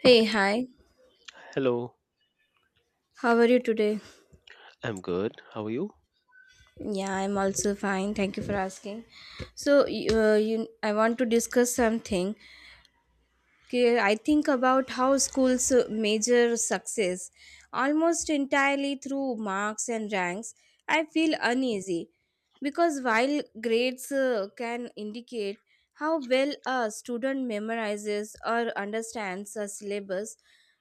Hey, hi. Hello, How are you today? I'm good. How are you? Yeah, I'm also fine. Thank you for asking. So, I want to discuss something. Okay, I think about how schools measure success almost entirely through marks and ranks. I feel uneasy because while grades can indicate how well a student memorizes or understands a syllabus,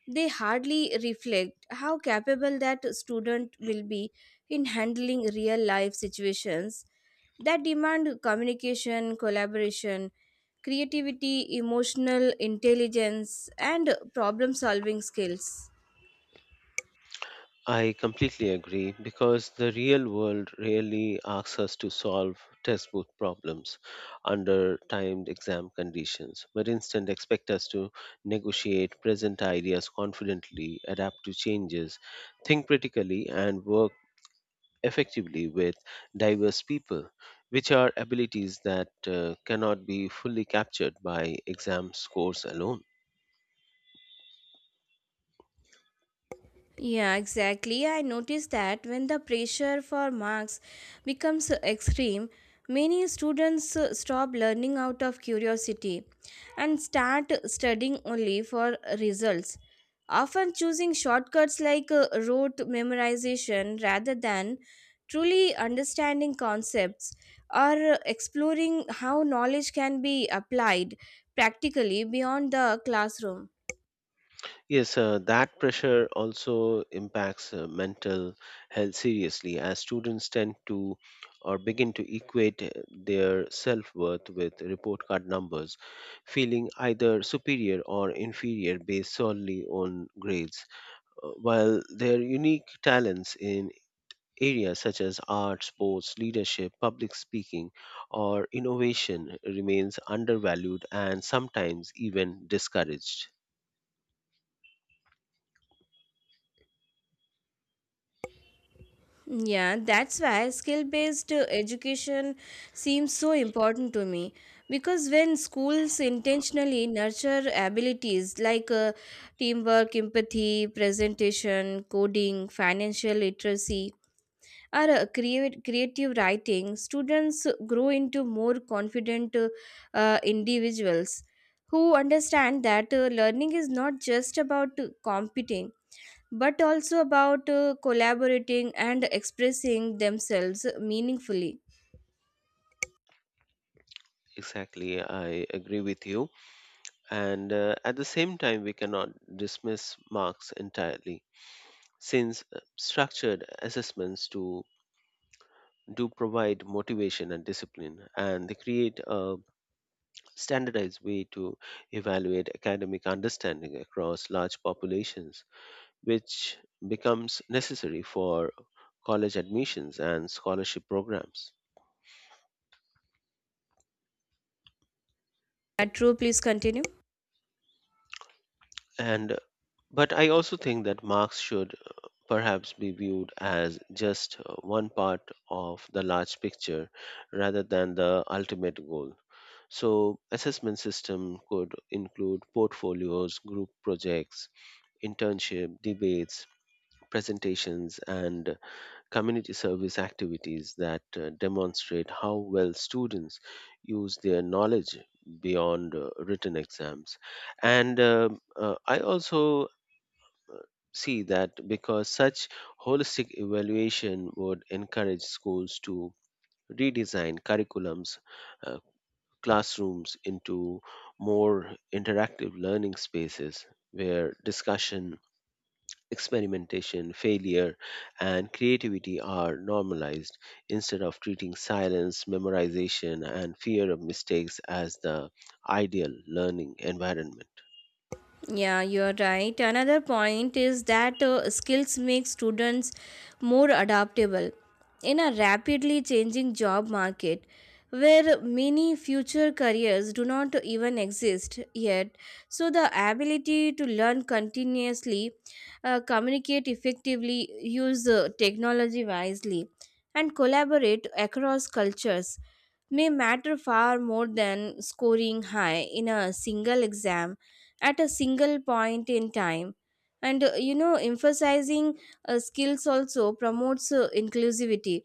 they hardly reflect how capable that student will be in handling real life situations that demand communication, collaboration, creativity, emotional intelligence, and problem solving skills. I completely agree because the real world really asks us to solve test book problems under timed exam conditions, but instead expect us to negotiate present ideas confidently, adapt to changes, think critically, and work effectively with diverse people, which are abilities that cannot be fully captured by exam scores alone. Yeah, exactly. I noticed that when the pressure for marks becomes extreme, many students stop learning out of curiosity and start studying only for results, often choosing shortcuts like rote memorization rather than truly understanding concepts or exploring how knowledge can be applied practically beyond the classroom. Yes, that pressure also impacts mental health seriously as students tend to or begin to equate their self worth with report card numbers, feeling either superior or inferior based solely on grades. While their unique talents in areas such as art, sports, leadership, public speaking, or innovation remains undervalued and sometimes even discouraged. Yeah, that's why skill based education seems so important to me because when schools intentionally nurture abilities like teamwork, empathy, presentation, coding, financial literacy, or creative writing, students grow into more confident individuals who understand that learning is not just about competing but also about collaborating and expressing themselves meaningfully. Exactly, I agree with you. And At the same time, we cannot dismiss marks entirely, since structured assessments do provide motivation and discipline, and they create a standardized way to evaluate academic understanding across large populations, which becomes necessary for college admissions and scholarship programs. True, please continue. And but I also think that marks should perhaps be viewed as just one part of the large picture rather than the ultimate goal. So, assessment system could include portfolios, group projects, internship, debates, presentations and community service activities that demonstrate how well students use their knowledge beyond written exams. And um uh, i also see that because such holistic evaluation would encourage schools to redesign curriculums, uh, classrooms into more interactive learning spaces where discussion, experimentation, failure, and creativity are normalized instead of treating silence, memorization, and fear of mistakes as the ideal learning environment. Yeah, you're right. Another point is that skills make students more adaptable in a rapidly changing job market where many future careers do not even exist yet. So, the ability to learn continuously, communicate effectively, use technology wisely, and collaborate across cultures may matter far more than scoring high in a single exam at a single point in time. And emphasizing skills also promotes inclusivity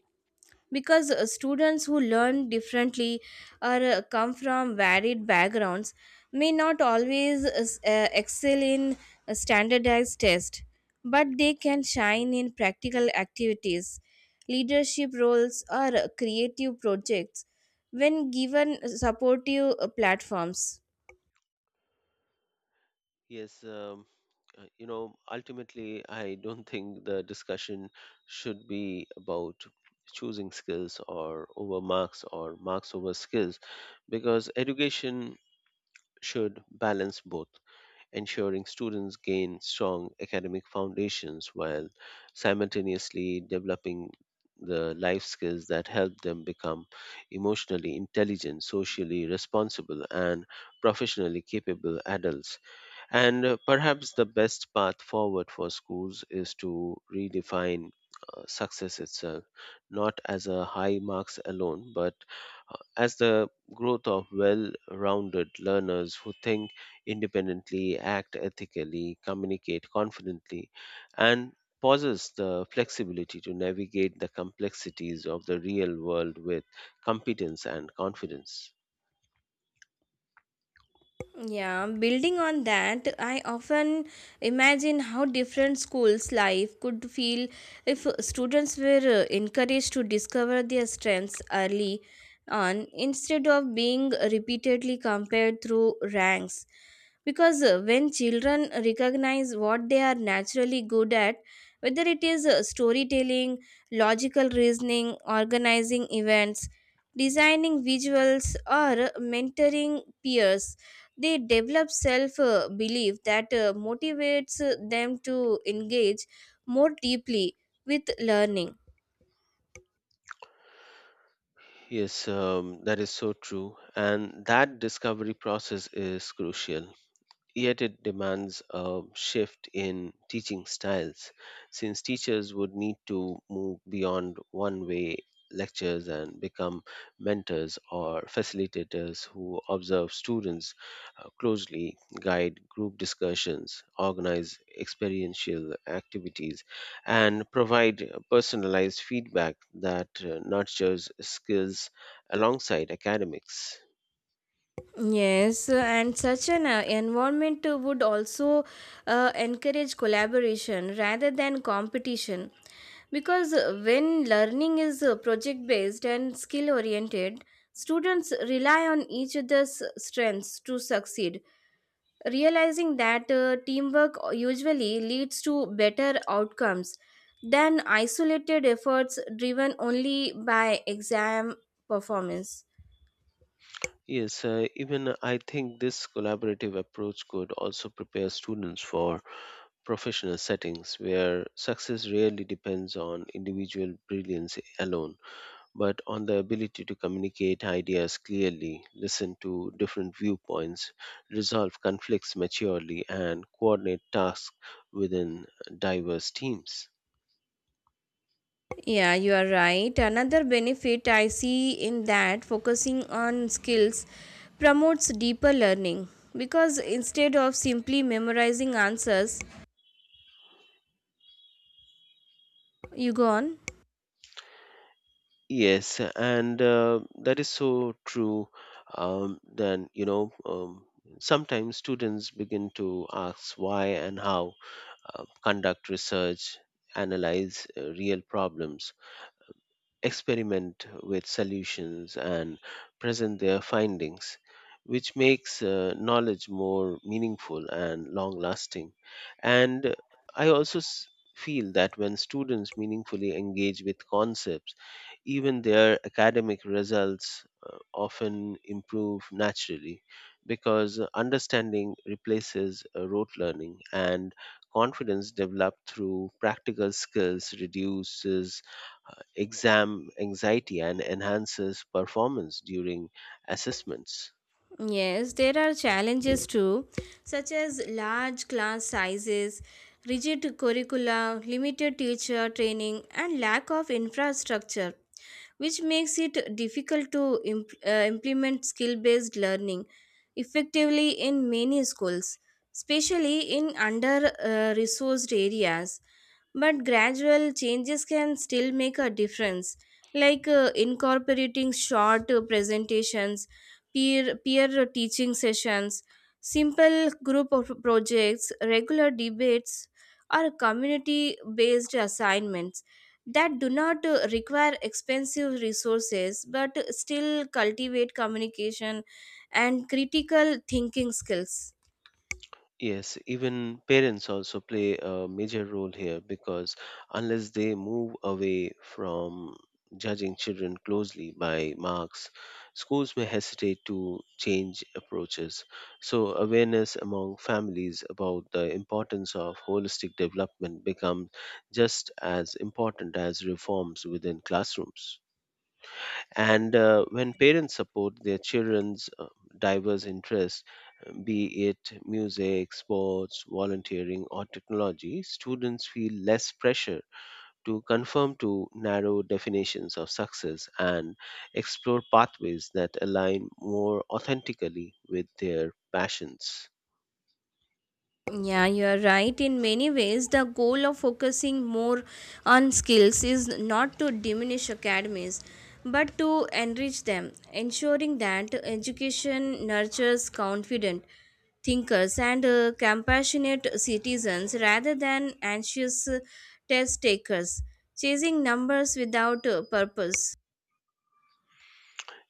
because students who learn differently or come from varied backgrounds may not always excel in a standardized test, but they can shine in practical activities, leadership roles, or creative projects when given supportive platforms. Yes, ultimately, I don't think the discussion should be about choosing skills or over marks or marks over skills because education should balance both, ensuring students gain strong academic foundations while simultaneously developing the life skills that help them become emotionally intelligent, socially responsible, and professionally capable adults. And Perhaps the best path forward for schools is to redefine success itself, not as a high marks alone, but as the growth of well rounded learners who think independently, act ethically, communicate confidently, and possess the flexibility to navigate the complexities of the real world with competence and confidence. Yeah, building on that, I often imagine how different schools' life could feel if students were encouraged to discover their strengths early on instead of being repeatedly compared through ranks. Because when children recognize what they are naturally good at, whether it is storytelling, logical reasoning, organizing events, designing visuals, or mentoring peers, they develop self belief that motivates them to engage more deeply with learning. Yes, that is so true. And that discovery process is crucial. Yet it demands a shift in teaching styles, since teachers would need to move beyond one way lectures and become mentors or facilitators who observe students closely, guide group discussions, organize experiential activities, and provide personalized feedback that nurtures skills alongside academics. Yes, and such an environment would also encourage collaboration rather than competition because when learning is project based and skill oriented, students rely on each other's strengths to succeed, realizing that teamwork usually leads to better outcomes than isolated efforts driven only by exam performance. Yes, even I think this collaborative approach could also prepare students for professional settings where success rarely depends on individual brilliance alone, but on the ability to communicate ideas clearly, listen to different viewpoints, resolve conflicts maturely, and coordinate tasks within diverse teams. Yeah, you are right. Another benefit I see in that focusing on skills promotes deeper learning because instead of simply memorizing answers, you go on. Yes, and that is so true. Then, sometimes students begin to ask why and how, conduct research, analyze real problems, experiment with solutions, and present their findings, which makes knowledge more meaningful and long lasting. And I feel that when students meaningfully engage with concepts, even their academic results often improve naturally because understanding replaces rote learning and confidence developed through practical skills reduces exam anxiety and enhances performance during assessments. Yes, there are challenges too, such as large class sizes, rigid curricula, limited teacher training, and lack of infrastructure, which makes it difficult to implement skill based learning effectively in many schools, especially in under resourced areas, but gradual changes can still make a difference, like incorporating short presentations, peer teaching sessions, simple group of projects, regular debates, or community based assignments that do not require expensive resources but still cultivate communication and critical thinking skills. Yes, even parents also play a major role here because unless they move away from judging children closely by marks, schools may hesitate to change approaches. So, awareness among families about the importance of holistic development becomes just as important as reforms within classrooms. And When parents support their children's diverse interests, be it music, sports, volunteering, or technology, students feel less pressure to conform to narrow definitions of success and explore pathways that align more authentically with their passions. Yeah, you are right. In many ways, the goal of focusing more on skills is not to diminish academies, but to enrich them, ensuring that education nurtures confident thinkers and compassionate citizens rather than anxious test takers, chasing numbers without purpose.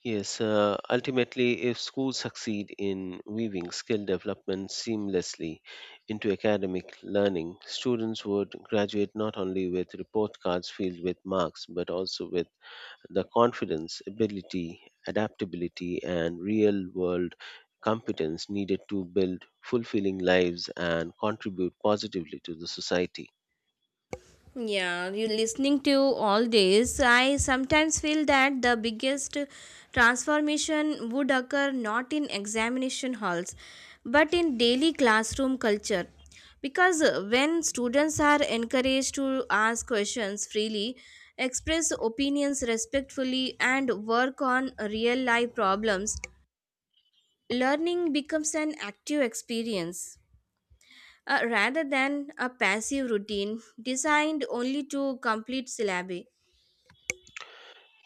Yes, ultimately, if schools succeed in weaving skill development seamlessly into academic learning, students would graduate not only with report cards filled with marks, but also with the confidence, ability, adaptability, and real world competence needed to build fulfilling lives and contribute positively to the society. Yeah, you listening to all this, I sometimes feel that the biggest transformation would occur not in examination halls but in daily classroom culture. Because when students are encouraged to ask questions freely, express opinions respectfully, and work on real life problems, learning becomes an active experience rather than a passive routine designed only to complete syllabi.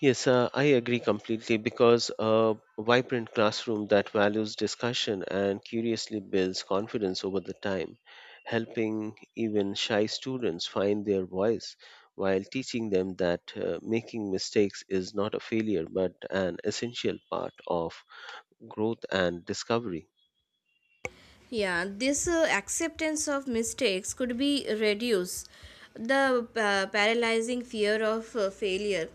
Yes, I agree completely because a vibrant classroom that values discussion and curiously builds confidence over the time, helping even shy students find their voice while teaching them that making mistakes is not a failure but an essential part of growth and discovery. Yeah, this acceptance of mistakes could be reduce the paralyzing fear of failure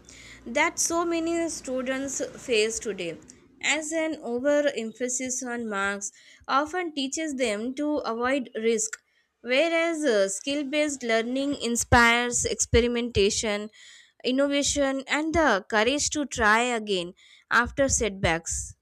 that so many students face today. As an overemphasis on marks often teaches them to avoid risk, whereas skill based learning inspires experimentation, innovation, and the courage to try again after setbacks.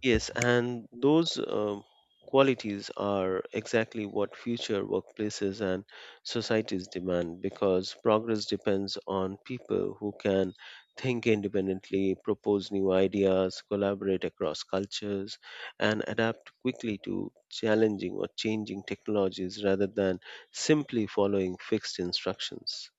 Yes, and those qualities are exactly what future workplaces and societies demand because progress depends on people who can think independently, propose new ideas, collaborate across cultures, and adapt quickly to challenging or changing technologies rather than simply following fixed instructions.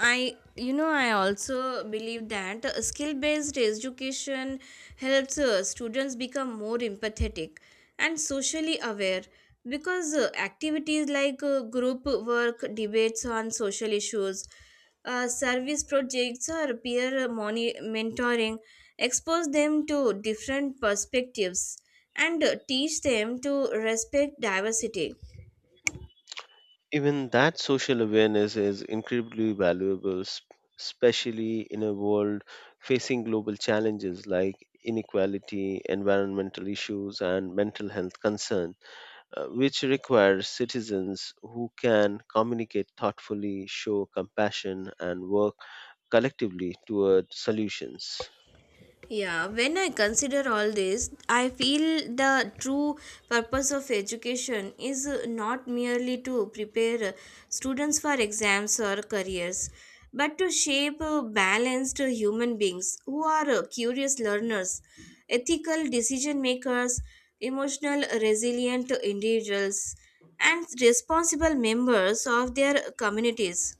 I also believe that skill based education helps students become more empathetic and socially aware because activities like group work, debates on social issues, service projects, or mentoring expose them to different perspectives and teach them to respect diversity. Even that social awareness is incredibly valuable, especially in a world facing global challenges like inequality, environmental issues, and mental health concerns, which requires citizens who can communicate thoughtfully, show compassion, and work collectively toward solutions. Yeah, when I consider all this, I feel the true purpose of education is not merely to prepare students for exams or careers, but to shape balanced human beings who are curious learners, ethical decision makers, emotional resilient individuals, and responsible members of their communities.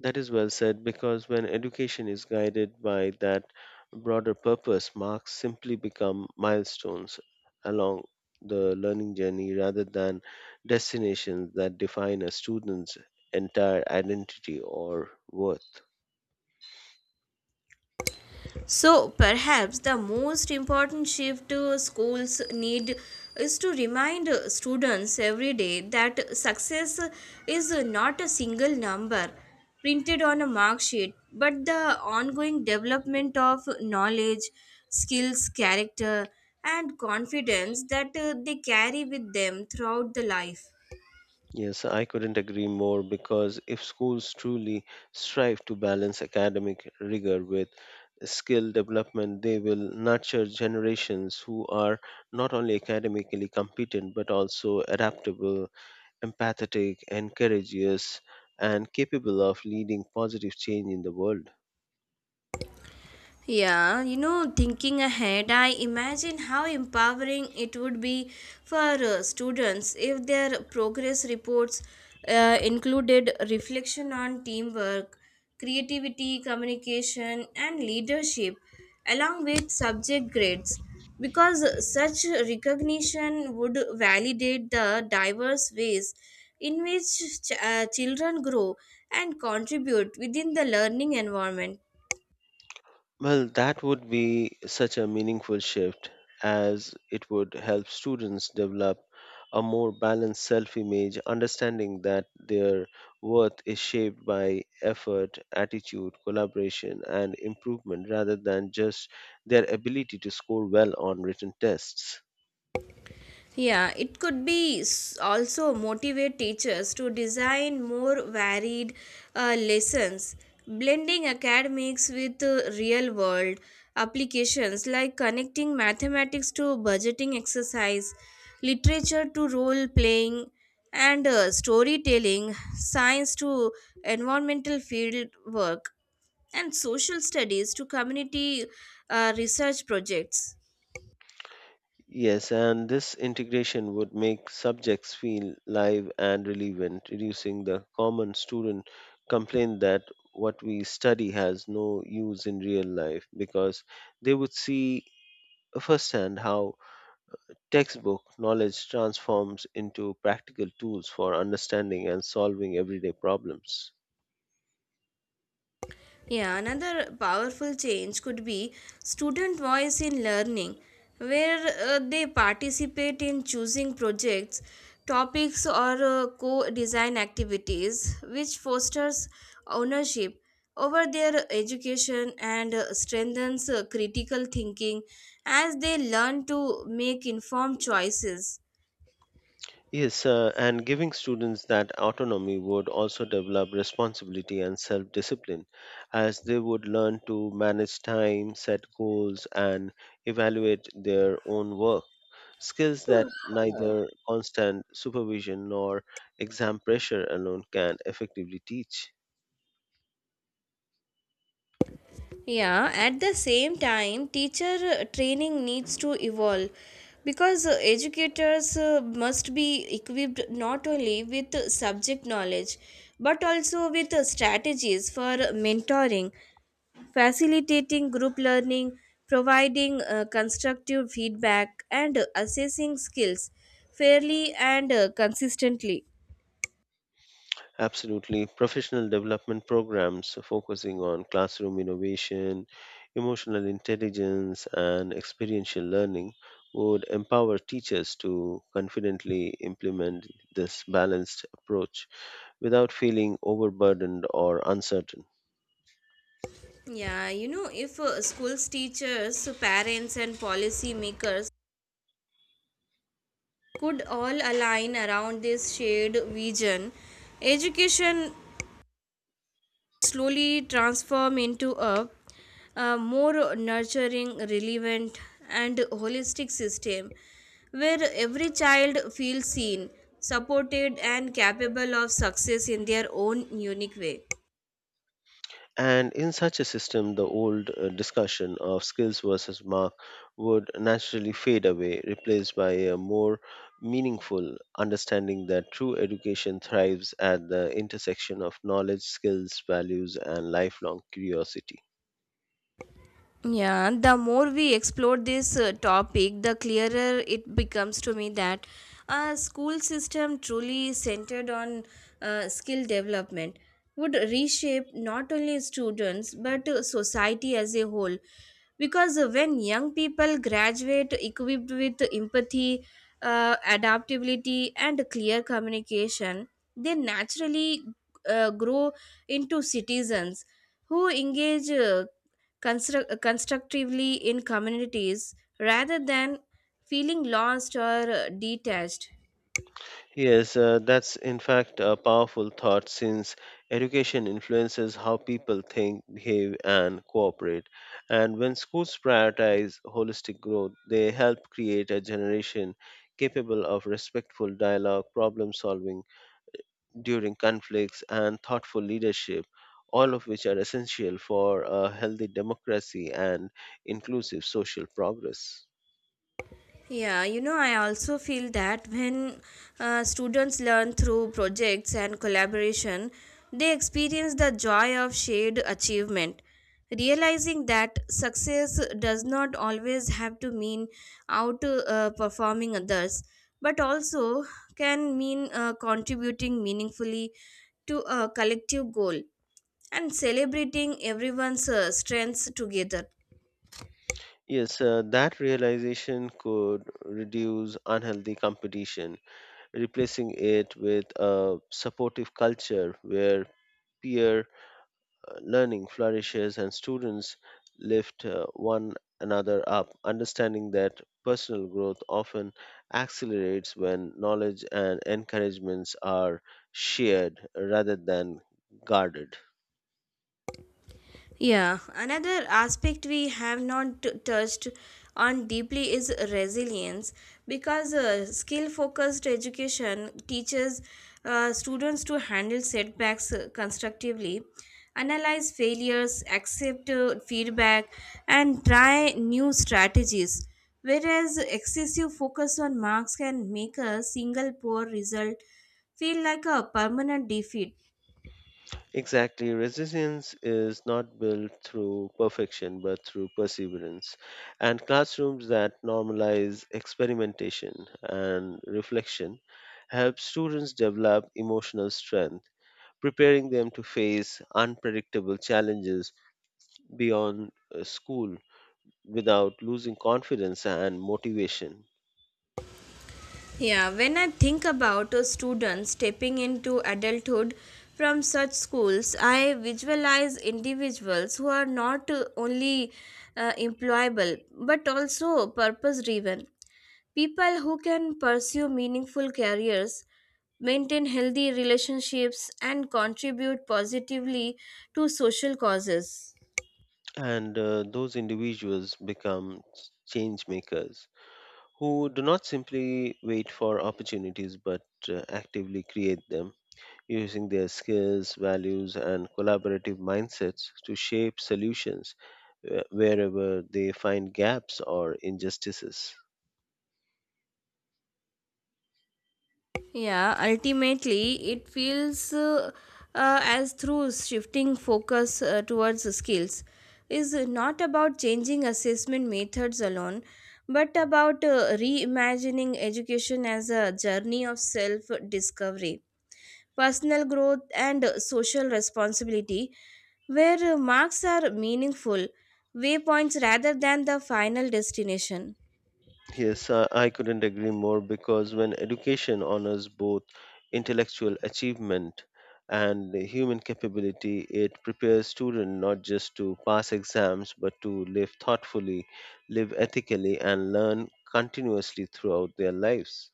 That is well said because when education is guided by that broader purpose, marks simply become milestones along the learning journey rather than destinations that define a student's entire identity or worth. So, perhaps the most important shift schools need is to remind students every day that success is not a single number printed on a mark sheet, but the ongoing development of knowledge, skills, character, and confidence that they carry with them throughout the life. Yes, I couldn't agree more because if schools truly strive to balance academic rigor with skill development, they will nurture generations who are not only academically competent but also adaptable, empathetic, and courageous, and capable of leading positive change in the world. Yeah, you know, thinking ahead, I imagine how empowering it would be for students if their progress reports included reflection on teamwork, creativity, communication, and leadership, along with subject grades, because such recognition would validate the diverse ways in which children grow and contribute within the learning environment. Well, that would be such a meaningful shift as it would help students develop a more balanced self image, understanding that their worth is shaped by effort, attitude, collaboration, and improvement rather than just their ability to score well on written tests. Yeah, it could be also motivate teachers to design more varied lessons, blending academics with real world applications, like connecting mathematics to budgeting exercise, literature to role playing and storytelling, science to environmental field work, and social studies to community research projects. Yes, and this integration would make subjects feel live and relevant, reducing the common student complaint that what we study has no use in real life because they would see firsthand how textbook knowledge transforms into practical tools for understanding and solving everyday problems. Yeah, another powerful change could be student voice in learning, where they participate in choosing projects, topics, or co design activities, which fosters ownership over their education and strengthens critical thinking as they learn to make informed choices. Yes, and giving students that autonomy would also develop responsibility and self discipline, as they would learn to manage time, set goals, and evaluate their own work. Skills that neither constant supervision nor exam pressure alone can effectively teach. Yeah, at the same time, teacher training needs to evolve because educators must be equipped not only with subject knowledge but also with strategies for mentoring, facilitating group learning, providing constructive feedback, and assessing skills fairly and consistently. Absolutely. Professional development programs focusing on classroom innovation, emotional intelligence, and experiential learning would empower teachers to confidently implement this balanced approach without feeling overburdened or uncertain. Yeah, you know, if schools, teachers, parents, and policymakers could all align around this shared vision, education slowly transform into a more nurturing, relevant, and holistic system where every child feels seen, supported, and capable of success in their own unique way. And in such a system, the old discussion of skills versus mark would naturally fade away, replaced by a more meaningful understanding that true education thrives at the intersection of knowledge, skills, values, and lifelong curiosity. Yeah, the more we explore this topic, the clearer it becomes to me that a school system truly centered on skill development would reshape not only students but society as a whole. Because when young people graduate equipped with empathy, adaptability, and clear communication, they naturally grow into citizens who engage constructively in communities rather than feeling lost or detached. Yes, that's in fact a powerful thought since education influences how people think, behave, and cooperate. And when schools prioritize holistic growth, they help create a generation capable of respectful dialogue, problem solving during conflicts, and thoughtful leadership, all of which are essential for a healthy democracy and inclusive social progress. Yeah, you know, I also feel that when students learn through projects and collaboration, they experience the joy of shared achievement, realizing that success does not always have to mean out performing others, but also can mean contributing meaningfully to a collective goal and celebrating everyone's strengths together. Yes, that realization could reduce unhealthy competition replacing it with a supportive culture where peer learning flourishes and students lift one another up, understanding that personal growth often accelerates when knowledge and encouragements are shared rather than guarded. Yeah, another aspect we have not touched on deeply is resilience because skill focused education teaches students to handle setbacks constructively, analyze failures, accept feedback, and try new strategies. Whereas excessive focus on marks can make a single poor result feel like a permanent defeat. Exactly. Resilience is not built through perfection, but through perseverance. And classrooms that normalize experimentation and reflection help students develop emotional strength, preparing them to face unpredictable challenges beyond school without losing confidence and motivation. Yeah, when I think about a student stepping into adulthood from such schools, I visualize individuals who are not only employable but also purpose driven. People who can pursue meaningful careers, maintain healthy relationships, and contribute positively to social causes. And those individuals become change makers who do not simply wait for opportunities but actively create them using their skills, values, and collaborative mindsets to shape solutions wherever they find gaps or injustices. Yeah, ultimately, it feels as through shifting focus towards skills is not about changing assessment methods alone, but about reimagining education as a journey of self discovery, personal growth, and social responsibility, where marks are meaningful waypoints rather than the final destination. Yes, I couldn't agree more because when education honors both intellectual achievement and human capability, it prepares students not just to pass exams but to live thoughtfully, live ethically, and learn continuously throughout their lives.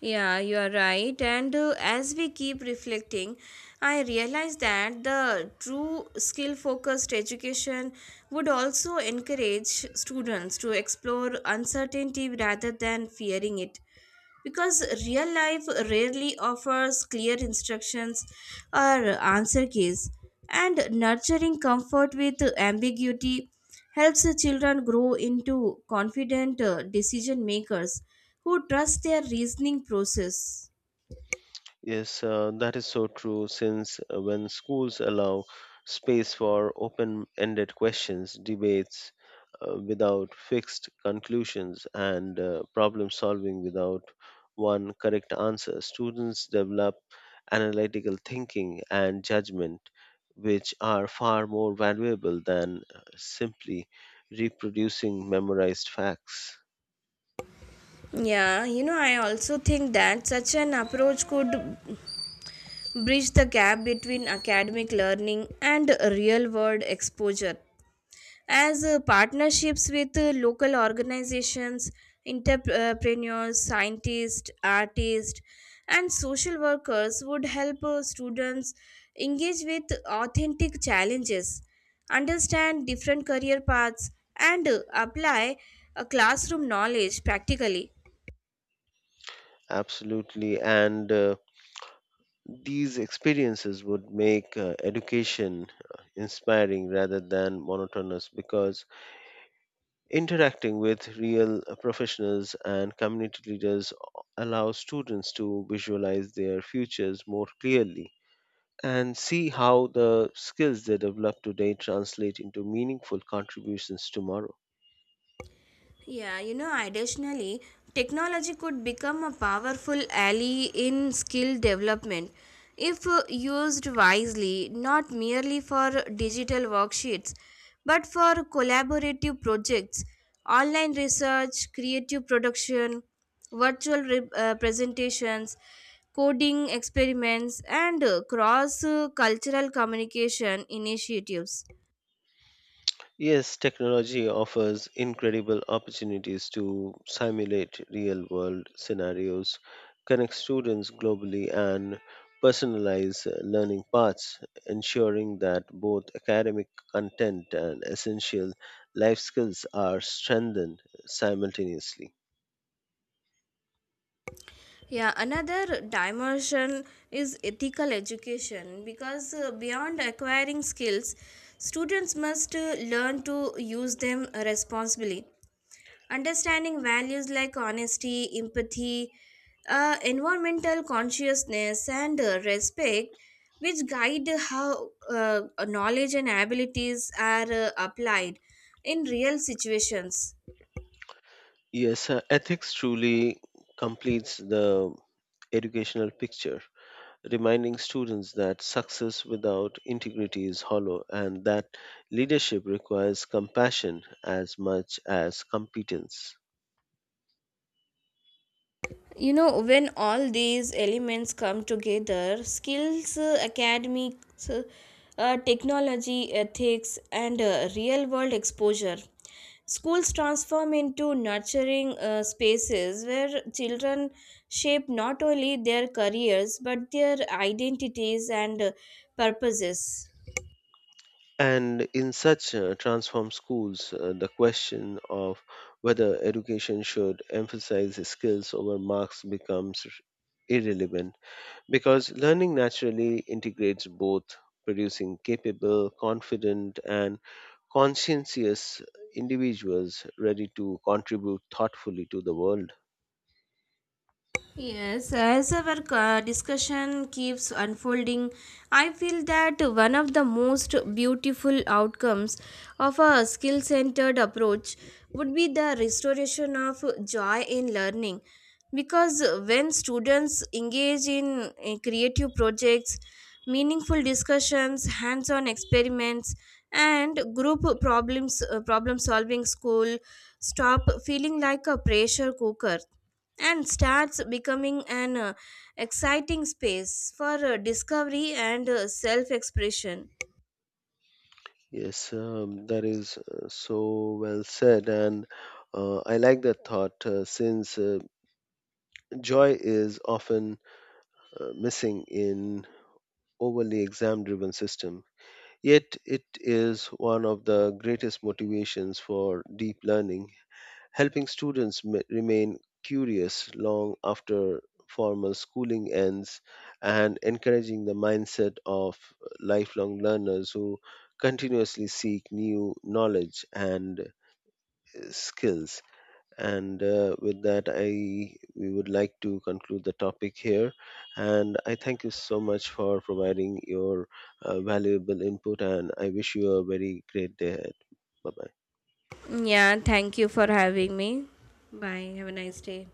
Yeah, you are right. And as we keep reflecting, I realize that the true skill focused education would also encourage students to explore uncertainty rather than fearing it because real life rarely offers clear instructions or answer keys, and nurturing comfort with ambiguity helps children grow into confident decision makers who trust their reasoning process. Yes, that is so true. Since when schools allow space for open ended questions, debates without fixed conclusions, and problem solving without one correct answer, students develop analytical thinking and judgment, which are far more valuable than simply reproducing memorized facts. Yeah, you know, I also think that such an approach could bridge the gap between academic learning and real world exposure, as partnerships with local organizations, entrepreneurs, scientists, artists, and social workers would help students engage with authentic challenges, understand different career paths, and apply classroom knowledge practically. Absolutely. And These experiences would make education inspiring rather than monotonous because interacting with real professionals and community leaders allows students to visualize their futures more clearly and see how the skills they develop today translate into meaningful contributions tomorrow. Yeah, you know, additionally, technology could become a powerful ally in skill development if used wisely, not merely for digital worksheets, but for collaborative projects, online research, creative production, virtual presentations, coding experiments, and cross cultural communication initiatives. Yes, technology offers incredible opportunities to simulate real world scenarios, connect students globally, and personalize learning paths, ensuring that both academic content and essential life skills are strengthened simultaneously. Yeah, another dimension is ethical education because beyond acquiring skills, students must learn to use them responsibly, understanding values like honesty, empathy, environmental consciousness, and respect, which guide how knowledge and abilities are applied in real situations. Yes, ethics truly completes the educational picture reminding students that success without integrity is hollow and that leadership requires compassion as much as competence. You know, when all these elements come together, skills, academics, technology, ethics, and real world exposure, schools transform into nurturing spaces where children shape not only their careers but their identities and purposes. And in such transformed schools, the question of whether education should emphasize skills over marks becomes irrelevant because learning naturally integrates both, producing capable, confident, and conscientious individuals ready to contribute thoughtfully to the world. Yes, as our discussion keeps unfolding, I feel that one of the most beautiful outcomes of a skill centered approach would be the restoration of joy in learning. Because when students engage in creative projects, meaningful discussions, hands on experiments, and group problem solving, school stop feeling like a pressure cooker and starts becoming an exciting space for discovery and self expression. Yes, that is so well said, and I like that thought since joy is often missing in overly exam-driven system. Yet it is one of the greatest motivations for deep learning helping students remain curious long after formal schooling ends and encouraging the mindset of lifelong learners who continuously seek new knowledge and skills. And uh, with that i we would like to conclude the topic here, and I thank you so much for providing your valuable input, and I wish you a very great day ahead. Bye bye. Yeah, thank you for having me. Bye. Have a nice day.